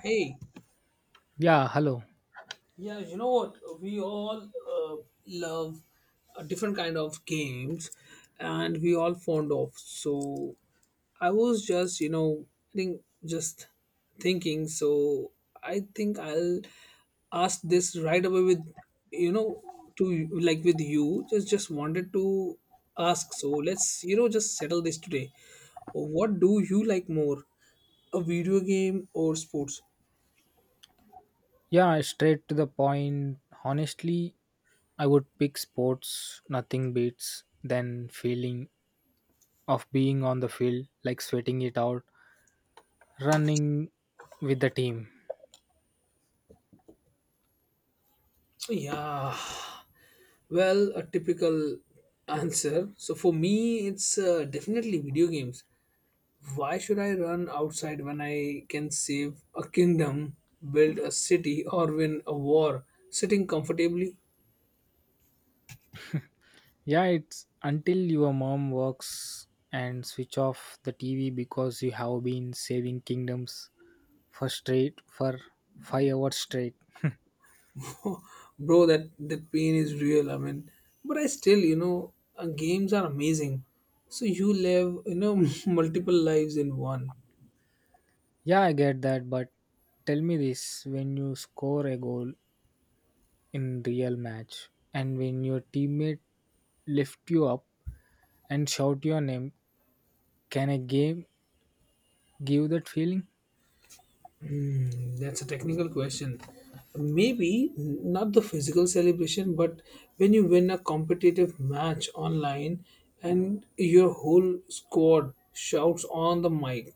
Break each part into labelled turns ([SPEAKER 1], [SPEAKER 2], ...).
[SPEAKER 1] Hey,
[SPEAKER 2] Yeah, hello.
[SPEAKER 1] yeah, you know what? We all uh, love a different kind of games, and we all fond of. So I was just, you know, I think just thinking. So I think I'll ask this right away with, you know, to like with you. Just wanted to ask. So let's, you know, just settle this today. What do you like more, a video game or sports?
[SPEAKER 2] Yeah, straight to the point. Honestly, I would pick sports. Nothing beats than feeling of being on the field, like sweating it out, running with the team.
[SPEAKER 1] Yeah. Well, a typical answer. So for me, it's definitely video games. Why should I run outside when I can save a kingdom, build a city, or win a war sitting comfortably?
[SPEAKER 2] Yeah, it's until your mom works and switch off the TV because you have been saving kingdoms for 5 hours straight.
[SPEAKER 1] Bro, that pain is real. I mean, but I still, you know, games are amazing. So you live, you know, multiple lives in one.
[SPEAKER 2] Yeah, I get that, but tell me this, when you score a goal, in real match and when your teammate lift you up and shout your name, can a game give that feeling?
[SPEAKER 1] Hmm, that's a technical question. Maybe not the physical celebration, but when you win a competitive match online and your whole squad shouts on the mic,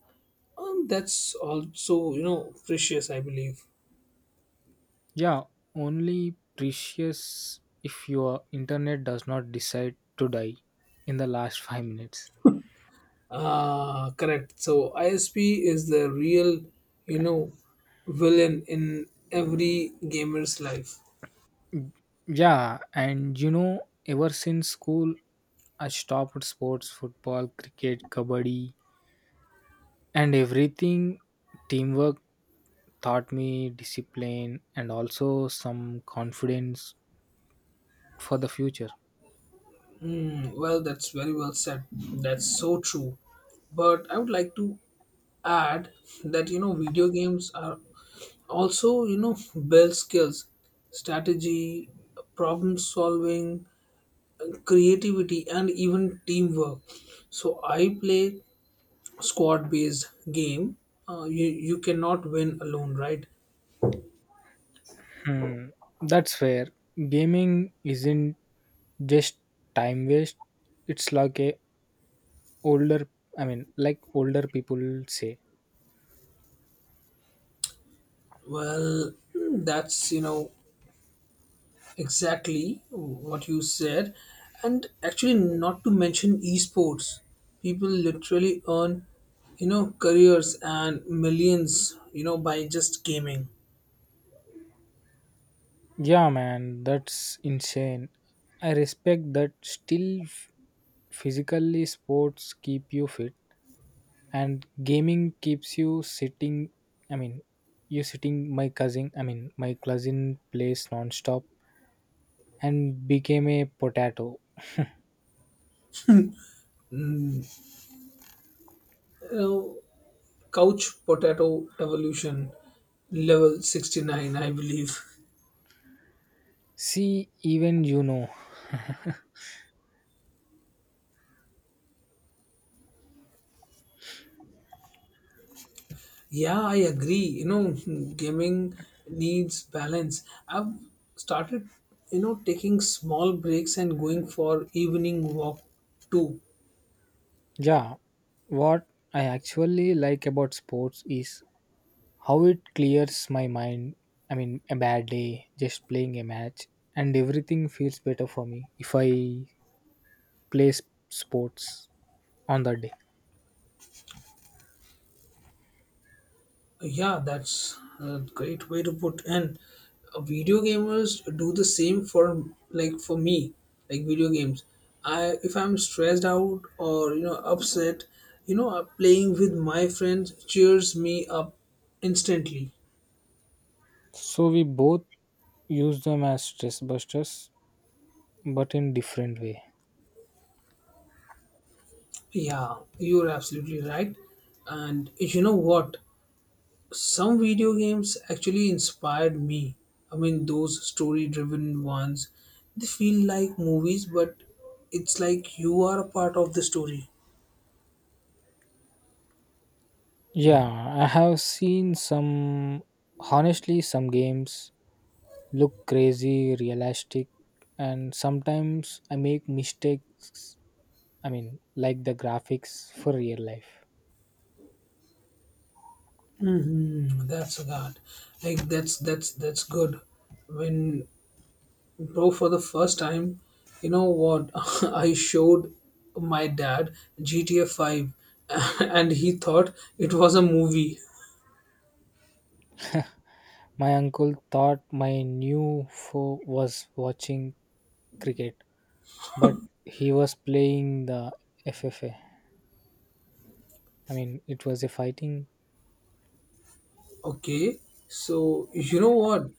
[SPEAKER 1] that's also you know precious, I believe.
[SPEAKER 2] Yeah, only precious if your internet does not decide to die in the last 5 minutes.
[SPEAKER 1] Ah, correct. So ISP is the real you know villain in every gamer's life.
[SPEAKER 2] Yeah, and you know, ever since school I stopped sports, football, cricket, kabaddi and everything. Teamwork taught me discipline and also some confidence for the future.
[SPEAKER 1] Mm, well, that's very well said. That's so true. But I would like to add that you know video games are also you know build skills, strategy, problem solving, creativity, and even teamwork. So I play squad based game. You cannot win alone, right?
[SPEAKER 2] Hmm, that's fair. Gaming isn't just time waste. It's like older, I mean, like older people say.
[SPEAKER 1] Well, hmm, that's you know exactly what you said, and actually not to mention esports people literally earn you know careers and millions you know by just gaming.
[SPEAKER 2] Yeah, man, that's insane. I respect that. Still, physically, sports keep you fit, and gaming keeps you sitting. I mean, you sitting. I mean, my cousin plays non-stop and became a potato.
[SPEAKER 1] You know, couch potato evolution level 69, I believe.
[SPEAKER 2] See, even you know.
[SPEAKER 1] Yeah, I agree, you know, gaming needs balance. I've started, you know, taking small breaks and going for evening walk too.
[SPEAKER 2] Yeah, what I actually like about sports is how it clears my mind. I mean, a bad day, just playing a match, and everything feels better for me if I play sports on that day.
[SPEAKER 1] Yeah, that's a great way to put. And video gamers do the same for like for me, like video games. I if I'm stressed out or you know upset, you know playing with my friends cheers me up instantly.
[SPEAKER 2] So we both use them as stress busters, but in different way.
[SPEAKER 1] Yeah, you're absolutely right. And you know what? Some video games actually inspired me. I mean, those story driven ones, they feel like movies, but it's like you are a part of the story.
[SPEAKER 2] Yeah, I have seen some. Honestly, some games look crazy, realistic, and sometimes I make mistakes, I mean, like the graphics for real life.
[SPEAKER 1] Hmm, that's God. Like that's good. When bro for the first time, you know what? I showed my dad GTA Five, and he thought it was a movie.
[SPEAKER 2] My uncle thought my new foe was watching cricket, but he was playing the FFA. I mean, it was a fighting.
[SPEAKER 1] Okay, so you know what?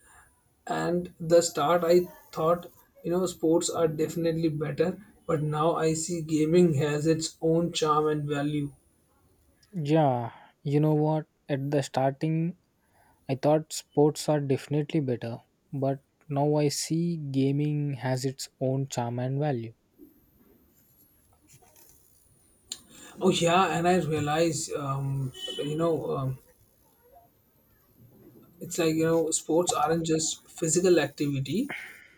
[SPEAKER 1] And the start I thought you know sports are definitely better, but now I see gaming has its own charm and value.
[SPEAKER 2] Yeah, you know what? At the starting, I thought sports are definitely better, but now I see gaming has its own charm and value.
[SPEAKER 1] Oh yeah, and I realize you know it's like you know sports aren't just physical activity,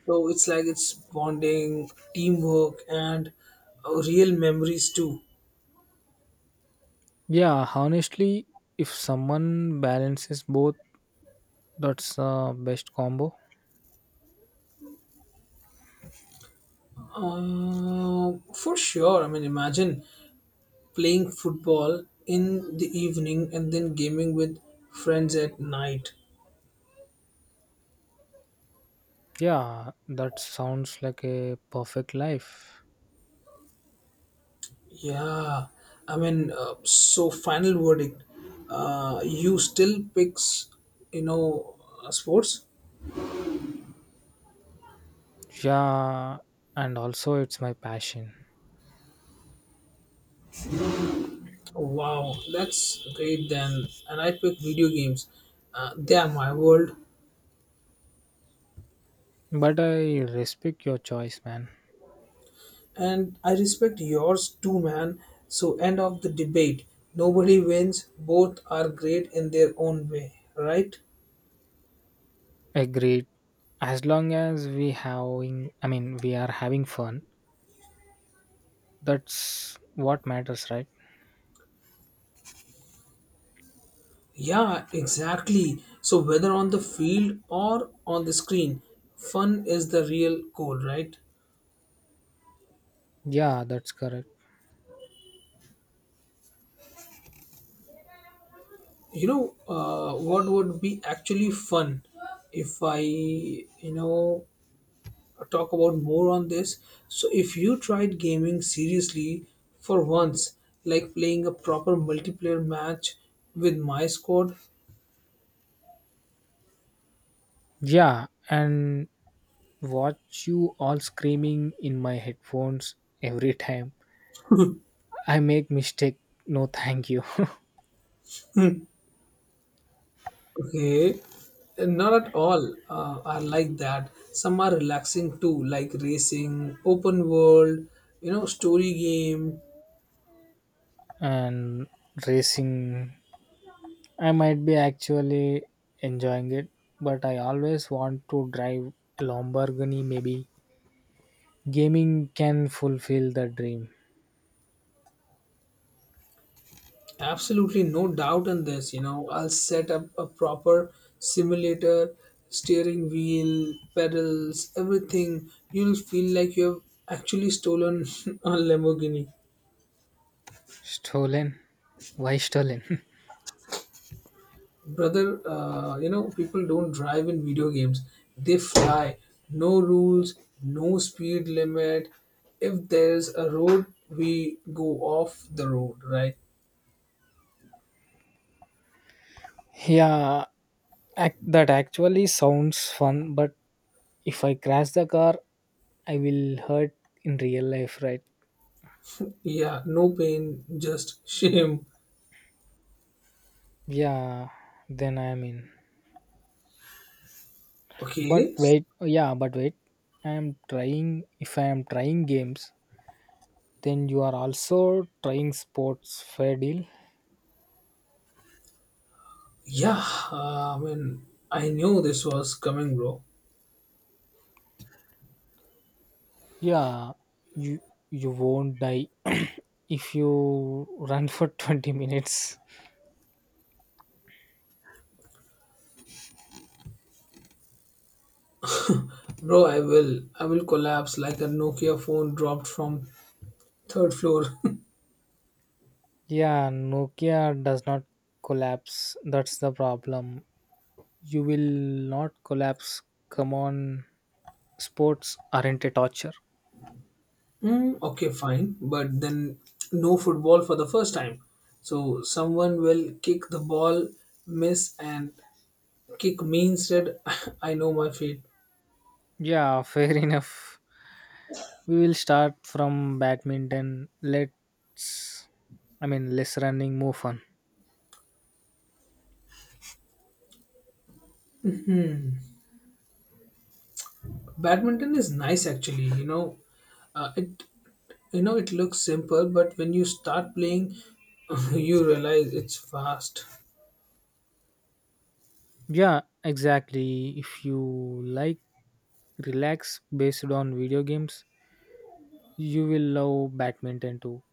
[SPEAKER 1] so it's like it's bonding, teamwork, and real memories too.
[SPEAKER 2] Yeah, honestly, if someone balances both, that's the best combo.
[SPEAKER 1] For sure, I mean imagine playing football in the evening and then gaming with friends at night.
[SPEAKER 2] Yeah, that sounds like a perfect life.
[SPEAKER 1] Yeah, I mean, so final verdict. You still picks, you know, sports.
[SPEAKER 2] Yeah, and also it's my passion.
[SPEAKER 1] Wow, that's great then. And I pick video games. They are my world,
[SPEAKER 2] But I respect your choice, man.
[SPEAKER 1] and I respect yours too, man. So end of the debate. Nobody wins. Both are great in their own way, right?
[SPEAKER 2] Agreed. As long as I mean, we are having fun. That's what matters, right?
[SPEAKER 1] Yeah, exactly. So whether on the field or on the screen, fun is the real goal, right?
[SPEAKER 2] Yeah, that's correct.
[SPEAKER 1] You know what would be actually fun if I you know talk about more on this, so if you tried gaming seriously for once, like playing a proper multiplayer match with my squad.
[SPEAKER 2] Yeah, and watch you all screaming in my headphones every time I make mistake. No, thank you.
[SPEAKER 1] Okay, not at all. I like that some are relaxing too, like racing open world you know story game.
[SPEAKER 2] And racing I might be actually enjoying it, but I always want to drive a Lamborghini maybe. Gaming can fulfill the dream.
[SPEAKER 1] Absolutely no doubt on this. You know, I'll set up a proper simulator, steering wheel, pedals, everything. You'll feel like you have actually stolen a Lamborghini.
[SPEAKER 2] Stolen? Why stolen?
[SPEAKER 1] Brother, you know, people don't drive in video games, they fly. No rules, no speed limit. If there's a road, we go off the road, right?
[SPEAKER 2] Yeah, that actually sounds fun, but if I crash the car, I will hurt in real life, right?
[SPEAKER 1] Yeah, no pain, just shame.
[SPEAKER 2] Yeah, then I'm in. But
[SPEAKER 1] Okay,
[SPEAKER 2] wait, yeah, but wait. If I am trying games, then you are also trying sports. Fair deal.
[SPEAKER 1] yeah, I mean, I knew this was coming, bro.
[SPEAKER 2] Yeah, you you won't die if you run for 20 minutes.
[SPEAKER 1] Bro, I will collapse like a Nokia phone dropped from third floor.
[SPEAKER 2] Yeah, Nokia does not collapse. That's the problem. You will not collapse. Come on, sports aren't a torture.
[SPEAKER 1] Mm, okay, fine, but then no football for the first time. So someone will kick the ball, miss, and kick me instead. I know my fate.
[SPEAKER 2] Yeah, fair enough. We will start from badminton. Let's I mean, less running, more fun.
[SPEAKER 1] Badminton is nice, actually. You know, it, you know, it looks simple, but when you start playing, you realize it's fast.
[SPEAKER 2] Yeah, exactly. If you like relax based on video games, you will love badminton too.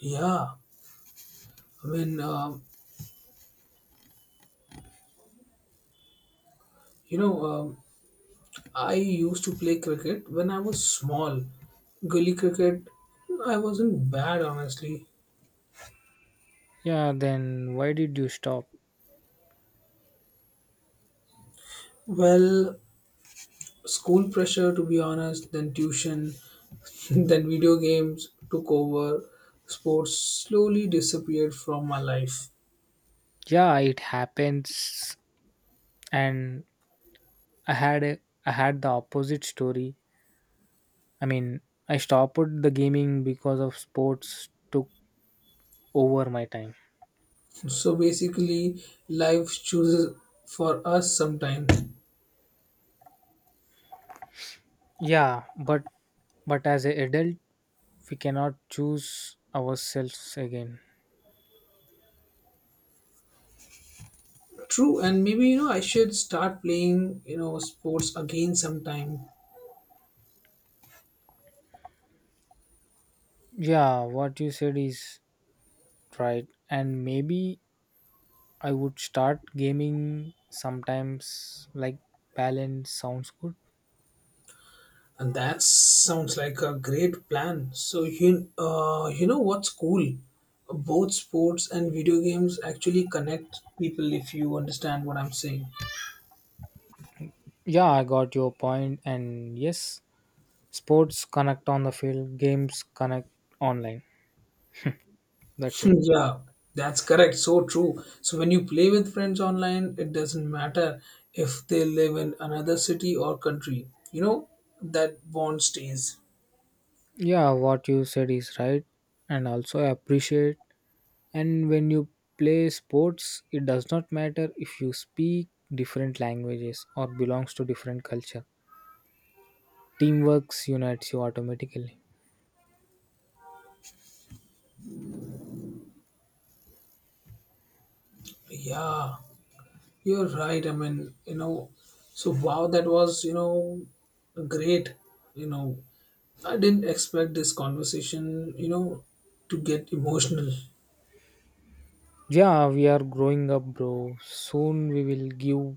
[SPEAKER 1] Yeah, I mean, you know, I used to play cricket when I was small. Gully cricket, I wasn't bad, honestly.
[SPEAKER 2] Yeah, then why did you stop?
[SPEAKER 1] Well, school pressure, to be honest, then tuition, then video games took over. Sports slowly disappeared from my life.
[SPEAKER 2] Yeah, it happens and I had a, I had the opposite story. I mean, I stopped the gaming because of sports took over my time.
[SPEAKER 1] So basically, life chooses for us sometimes.
[SPEAKER 2] Yeah, but as an adult, we cannot choose ourselves again.
[SPEAKER 1] True, and maybe you know I should start playing you know sports again sometime.
[SPEAKER 2] Yeah, what you said is right and maybe I would start gaming sometimes like balance sounds good.
[SPEAKER 1] And that sounds like a great plan. So you you know what's cool? Both sports and video games actually connect people if you understand what I'm saying.
[SPEAKER 2] Yeah, I got your point and yes, sports connect on the field, games connect online. That's it.
[SPEAKER 1] Yeah, that's correct. So true. So when you play with friends online, it doesn't matter if they live in another city or country. You know, that bond stays.
[SPEAKER 2] Yeah, what you said is right and also I appreciate, and when you play sports it does not matter if you speak different languages or belongs to different culture. Teamwork unites you automatically.
[SPEAKER 1] Yeah, you're right. I mean, you know, so wow, that was, you know, great, you know, I didn't expect this conversation, you know, to get emotional.
[SPEAKER 2] Yeah, we are growing up, bro. Soon we will give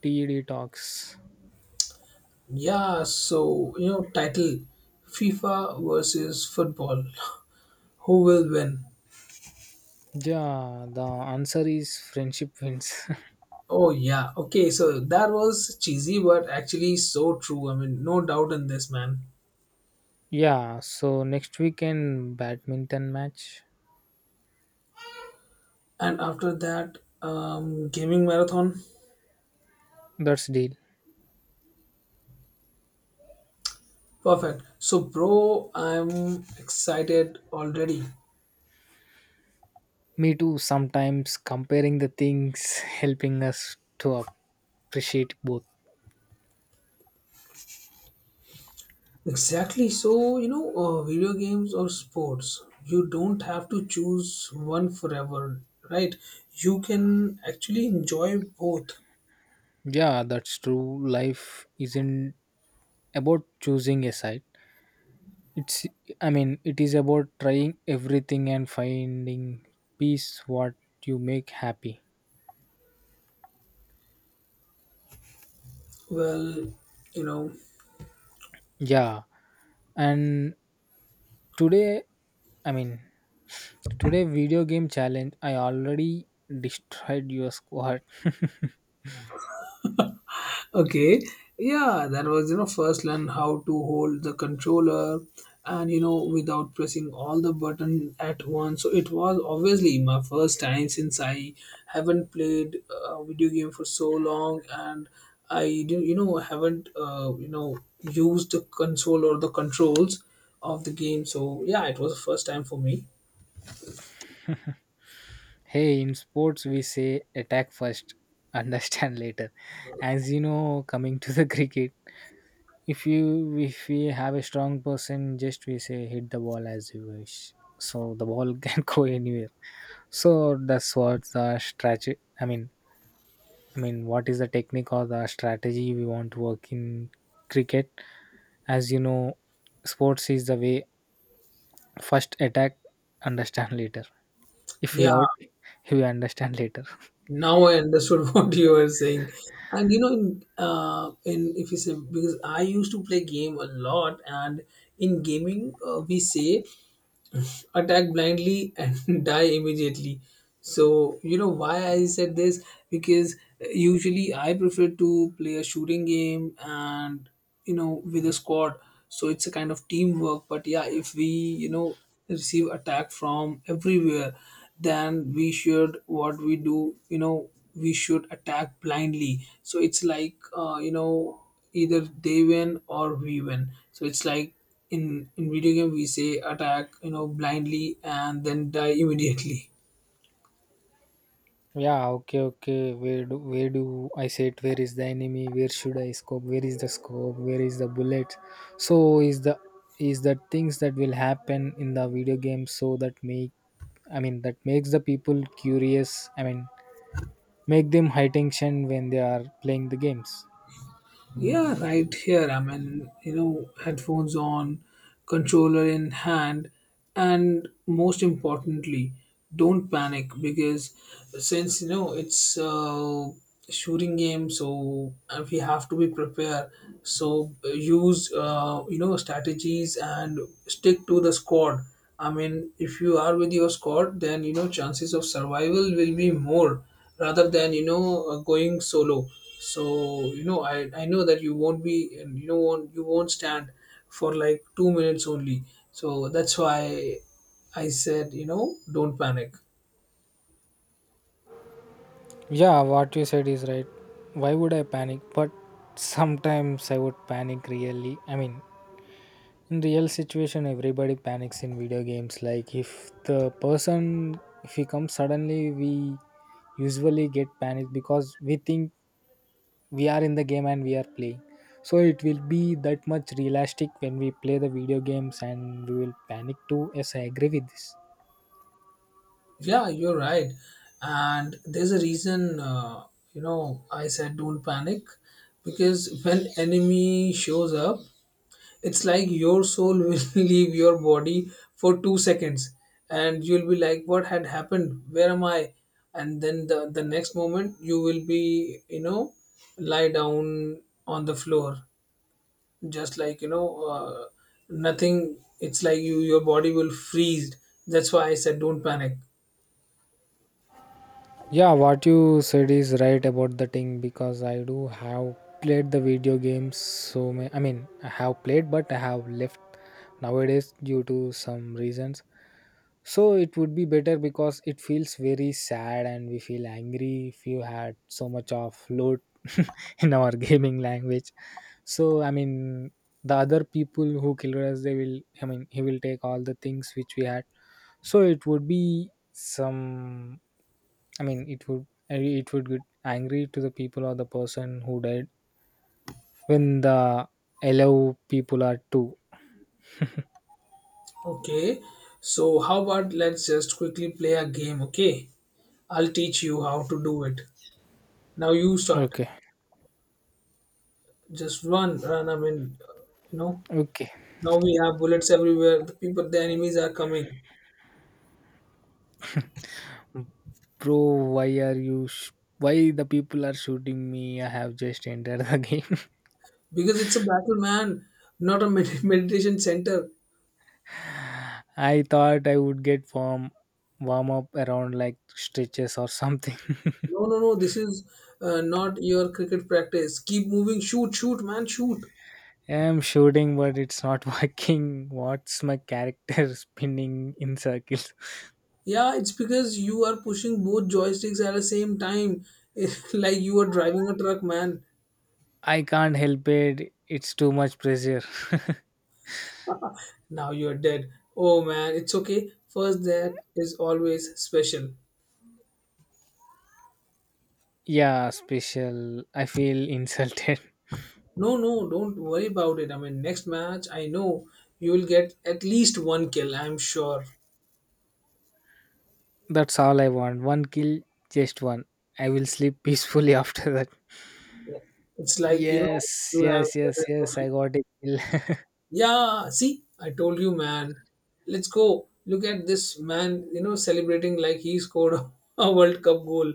[SPEAKER 2] TED talks.
[SPEAKER 1] Yeah, so, you know, title FIFA versus football. Who will win?
[SPEAKER 2] Yeah, the answer is friendship wins.
[SPEAKER 1] Oh, yeah. Okay, so that was cheesy, but actually so true. I mean, no doubt in this, man.
[SPEAKER 2] Yeah, so next weekend, badminton match.
[SPEAKER 1] And after that, gaming marathon.
[SPEAKER 2] That's deal.
[SPEAKER 1] Perfect. So, bro, I'm excited already.
[SPEAKER 2] Me too. Sometimes comparing the things helping us to appreciate both.
[SPEAKER 1] Exactly. So, you know, video games or sports, you don't have to choose one forever, right? You can actually enjoy both.
[SPEAKER 2] Yeah, that's true. Life isn't about choosing a side. It's I mean, it is about trying everything and finding peace what you make happy.
[SPEAKER 1] Well, you know,
[SPEAKER 2] Yeah. And today I mean, today video game challenge. I already destroyed your squad.
[SPEAKER 1] okay. Yeah, that was, you know, first learn how to hold the controller and, you know, without pressing all the button at once. So it was obviously my first time since I haven't played a video game for so long and I, you know, haven't, you know, used the console or the controls of the game. So yeah, it was the first time for me.
[SPEAKER 2] Hey, in sports we say attack first, understand later. As you know, coming to the cricket, if you if we have a strong person, just we say hit the ball as you wish. So the ball can go anywhere. So that's what the strategy. I mean, what is the technique or the strategy we want to work in cricket? As you know, sports is the way. First attack, understand later. If we
[SPEAKER 1] Yeah,
[SPEAKER 2] out, we understand later.
[SPEAKER 1] now I understood what you were saying. And you know, in if you say because I used to play game a lot, and in gaming we say attack blindly and die immediately. So you know why I said this? Because usually I prefer to play a shooting game and you know with a squad, so it's a kind of teamwork. But yeah, if we you know receive attack from everywhere, then we should what we do, you know, we should attack blindly. So it's like you know either they win or we win. So it's like in in video game we say attack you know blindly and then die immediately.
[SPEAKER 2] Yeah, okay, okay. Where do I sit? Where is the enemy? Where should I scope? Where is the scope? Where is the bullet? So is the things that will happen in the video game so that make I mean, that makes the people curious. I mean, make them high tension when they are playing the games.
[SPEAKER 1] Yeah, right here. I mean, you know, headphones on, controller in hand, and most importantly, don't panic, because since you know it's a shooting game, so we have to be prepared. So use you know strategies and stick to the squad. I mean, if you are with your squad, then you know chances of survival will be more rather than you know going solo. So you know I know that you won't be and you know won't, you won't stand for like 2 minutes only. So that's why I said you know don't panic.
[SPEAKER 2] Yeah, what you said is right. Why would I panic? But sometimes I would panic really. I mean, in real situation everybody panics in video games, like if the person if he comes suddenly we usually get panicked because we think we are in the game and we are playing, so it will be that much realistic when we play the video games and we will panic too. Yes, I agree with this.
[SPEAKER 1] Yeah, you're right. And there's a reason you know I said don't panic, because when enemy shows up it's like your soul will leave your body for 2 seconds and you'll be like what had happened, where am I. And then the next moment you will be you know lie down on the floor, just like you know nothing, it's like you your body will freeze. That's why I said don't panic.
[SPEAKER 2] Yeah, what you said is right about the thing because I do have played the video games so many. I mean, I have played, but I have left nowadays due to some reasons. So it would be better because it feels very sad and we feel angry if you had so much of load in our gaming language. So I mean, the other people who killed us, they will. I mean, he will take all the things which we had. So it would be some. I mean, it would get angry to the people or the person who died when the allow people are too.
[SPEAKER 1] Okay, so how about let's just quickly play a game. Okay, I'll teach you how to do it. Now you start.
[SPEAKER 2] Okay,
[SPEAKER 1] Just run. I mean, you know,
[SPEAKER 2] okay,
[SPEAKER 1] now we have bullets everywhere. The people, the enemies are coming
[SPEAKER 2] bro. Why are you? Why the people are shooting me? I have just entered the game.
[SPEAKER 1] because it's a battle, man, not a meditation center.
[SPEAKER 2] I thought I would get warm up around like stretches or something.
[SPEAKER 1] No, no, no. This is not your cricket practice. Keep moving. Shoot, man, shoot.
[SPEAKER 2] I'm shooting, but it's not working. What's my character spinning in circles?
[SPEAKER 1] Yeah, it's because you are pushing both joysticks at the same time. It's like you are driving a truck, man.
[SPEAKER 2] I can't help it. It's too much pressure.
[SPEAKER 1] Now you're dead. Oh, man, it's okay. First, that is always special.
[SPEAKER 2] Yeah, special. I feel insulted.
[SPEAKER 1] No, no, don't worry about it. I mean, next match, I know you will get at least one kill. I'm sure.
[SPEAKER 2] That's all I want. One kill, just one. I will sleep peacefully after that.
[SPEAKER 1] It's like you know
[SPEAKER 2] Yes,
[SPEAKER 1] you have.
[SPEAKER 2] yes, yes, yes. I got a kill.
[SPEAKER 1] Yeah, see, I told you, man. Let's go. Look at this man. You know, celebrating like he scored a World Cup goal.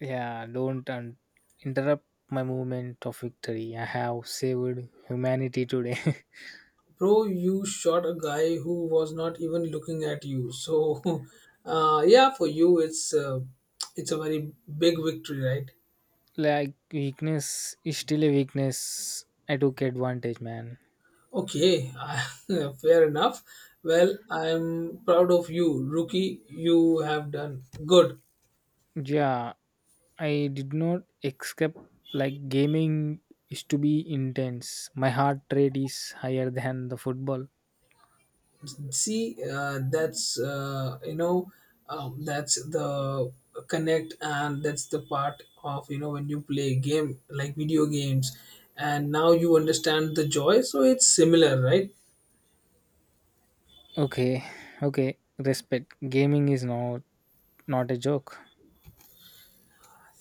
[SPEAKER 2] Yeah, don't interrupt my movement of victory. I have saved humanity today.
[SPEAKER 1] Bro, you shot a guy who was not even looking at you. So, yeah, for you, it's a very big victory, right?
[SPEAKER 2] Like, weakness is still a weakness. I took advantage, man.
[SPEAKER 1] Okay, fair enough. Well, I'm proud of you, rookie. You have done good.
[SPEAKER 2] Yeah, I did not escape like gaming is to be intense. My heart rate is higher than the football.
[SPEAKER 1] See, that's the connect, and that's the part of when you play game like video games, and now you understand the joy. So it's similar, right?
[SPEAKER 2] Okay, okay, respect. Gaming is not a joke.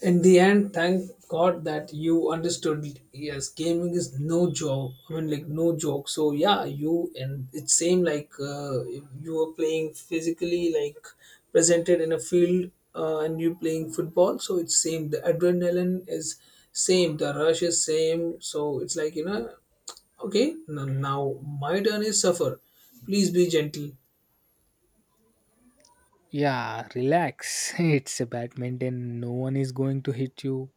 [SPEAKER 1] In the end, thank God that you understood. Yes, gaming is no joke. I mean, like no joke. So yeah, you and it same like you were playing physically, like presented in a field, and you playing football. So it's same. The adrenaline is same. The rush is same. So it's like okay, now my turn is suffer. Please be gentle.
[SPEAKER 2] Yeah, relax. It's a badminton. No one is going to hit you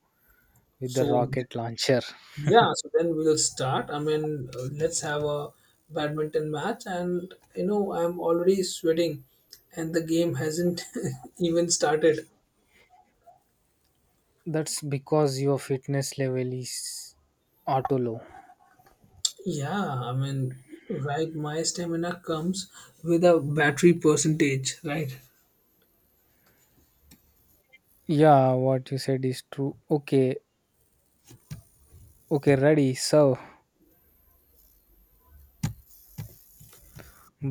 [SPEAKER 2] with the
[SPEAKER 1] So
[SPEAKER 2] rocket launcher.
[SPEAKER 1] yeah, so then we'll start. I mean, let's have a badminton match, and you know, I'm already sweating, and the game hasn't even started.
[SPEAKER 2] That's because your fitness level is auto low.
[SPEAKER 1] Yeah, I mean, right, my stamina comes with a battery percentage, right?
[SPEAKER 2] Yeah, what you said is true. Okay, okay, ready, serve.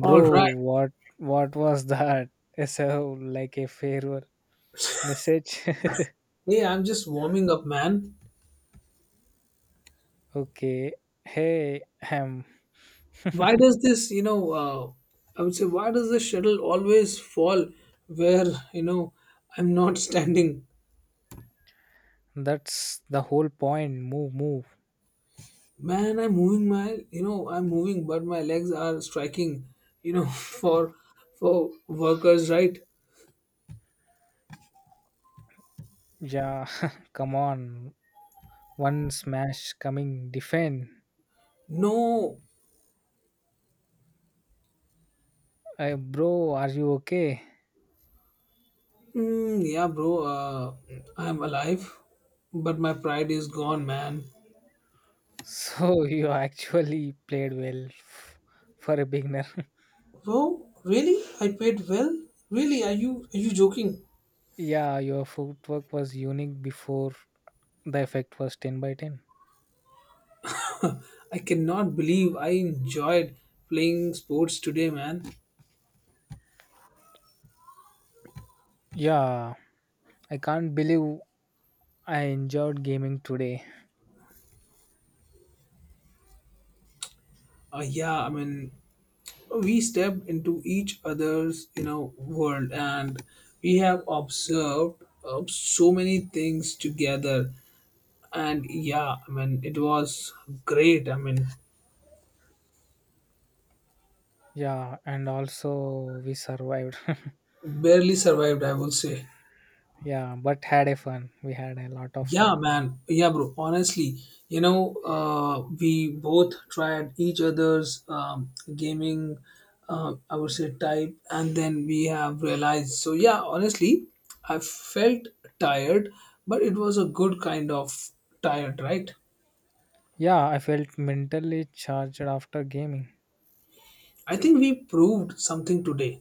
[SPEAKER 1] All right.
[SPEAKER 2] what was that? So like a farewell message.
[SPEAKER 1] Hey, I'm just warming up, man.
[SPEAKER 2] Okay. Hey, um
[SPEAKER 1] Why does this, I would say, why does the shuttle always fall where, you know, I'm not standing?
[SPEAKER 2] that's the whole point. Move, move.
[SPEAKER 1] Man, I'm moving my, I'm moving, but my legs are striking, you know, for workers, right?
[SPEAKER 2] Yeah, come on. One smash coming defend.
[SPEAKER 1] No,
[SPEAKER 2] Bro, are you okay?
[SPEAKER 1] mm, yeah, bro, I'm alive, but my pride is gone, man.
[SPEAKER 2] So you actually played well for a beginner.
[SPEAKER 1] Bro, really? I paid well? Really? Are you joking?
[SPEAKER 2] Yeah, your footwork was unique before the effect was 10 by 10.
[SPEAKER 1] I cannot believe I enjoyed playing sports today, man.
[SPEAKER 2] Yeah, I can't believe I enjoyed gaming today.
[SPEAKER 1] Yeah, I mean, we stepped into each other's, you know, world, and we have observed so many things together, and yeah, I mean, it was great, I mean,
[SPEAKER 2] Yeah, and also we survived.
[SPEAKER 1] barely survived, I will say.
[SPEAKER 2] Yeah, but had a fun. We had a lot of
[SPEAKER 1] Yeah,
[SPEAKER 2] fun.
[SPEAKER 1] man. Yeah, bro. Honestly, we both tried each other's gaming, I would say, type, and then we have realized. So, yeah, honestly, I felt tired, but it was a good kind of tired, right?
[SPEAKER 2] Yeah, I felt mentally charged after gaming.
[SPEAKER 1] I think we proved something today.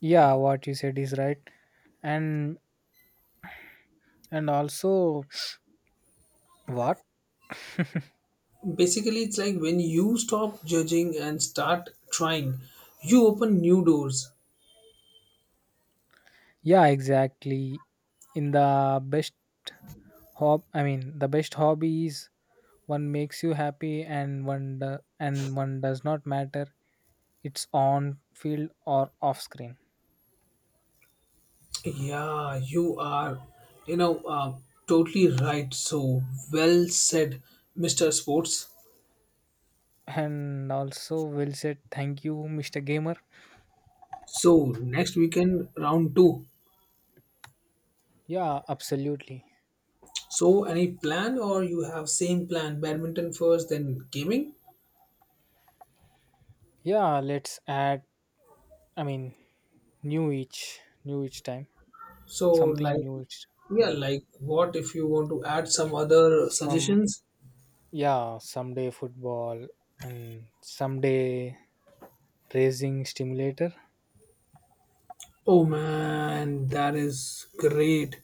[SPEAKER 2] Yeah, what you said is right. And and also what?
[SPEAKER 1] Basically, it's like when you stop judging and start trying, you open new doors.
[SPEAKER 2] Yeah, exactly. In the best hob I mean, the best hobby is one makes you happy and and one does not matter, it's on field or off screen.
[SPEAKER 1] Yeah, you are, you know, totally right. So well said, Mr. Sports.
[SPEAKER 2] And also, well said. Thank you, Mr. Gamer.
[SPEAKER 1] So next weekend, round two.
[SPEAKER 2] Yeah, absolutely.
[SPEAKER 1] So any plan or you have same plan, badminton first, then gaming?
[SPEAKER 2] Yeah, let's add, I mean, new each, new each time.
[SPEAKER 1] So
[SPEAKER 2] Something
[SPEAKER 1] like,
[SPEAKER 2] new each.
[SPEAKER 1] yeah,
[SPEAKER 2] Yeah.
[SPEAKER 1] like what if you want to add some other
[SPEAKER 2] Some,
[SPEAKER 1] suggestions?
[SPEAKER 2] yeah, someday football and someday racing stimulator.
[SPEAKER 1] Oh man, that is great.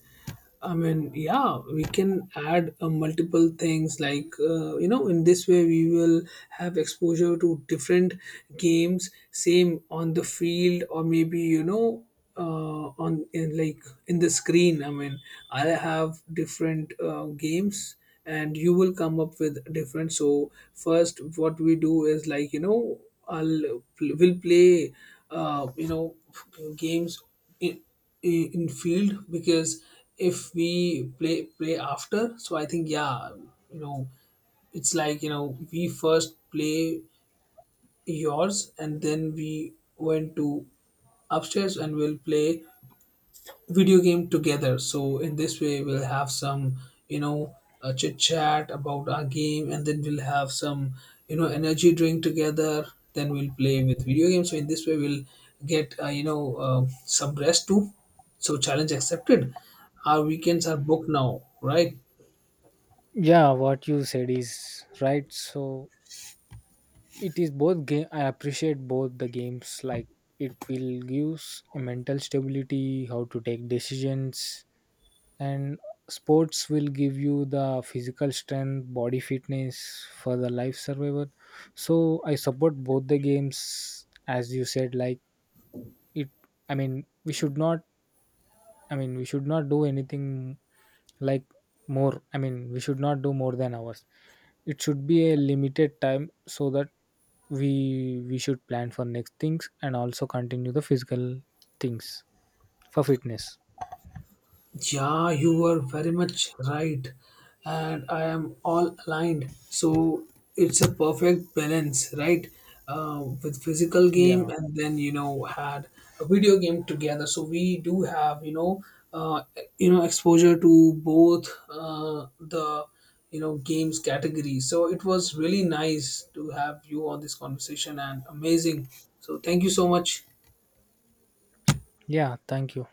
[SPEAKER 1] I mean, yeah, we can add multiple things like, you know, in this way we will have exposure to different games, same on the field, or maybe, you know, on in like in the screen. I mean, I have different games, and you will come up with different. So first what we do is like, you know, I'll pl- will play uh, you know games in, in field. Because if we play play after, so I think, yeah, you know, it's like, you know, we first play yours, and then we went to upstairs, and we'll play video game together. So in this way, we'll have some, you know, chit chat about our game, and then we'll have some, you know, energy drink together. Then we'll play with video games. So in this way, we'll get some rest too. So challenge accepted. Our weekends are booked now, right?
[SPEAKER 2] Yeah, what you said is right. So it is both game. I appreciate both the games. Like it will give a mental stability, how to take decisions, and sports will give you the physical strength, body fitness for the life survival. So I support both the games, as you said. Like it I mean, we should not I mean, we should not do anything like more. I mean, we should not do more than hours. It should be a limited time so that we should plan for next things and also continue the physical things for fitness.
[SPEAKER 1] Yeah, you were very much right, and I am all aligned. So it's a perfect balance, right? With physical game,
[SPEAKER 2] Yeah.
[SPEAKER 1] and then, you know, had a video game together. So we do have, uh, you know, exposure to both, the, you know, games category. So it was really nice to have you on this conversation, and amazing. So thank you so much.
[SPEAKER 2] Yeah, thank you.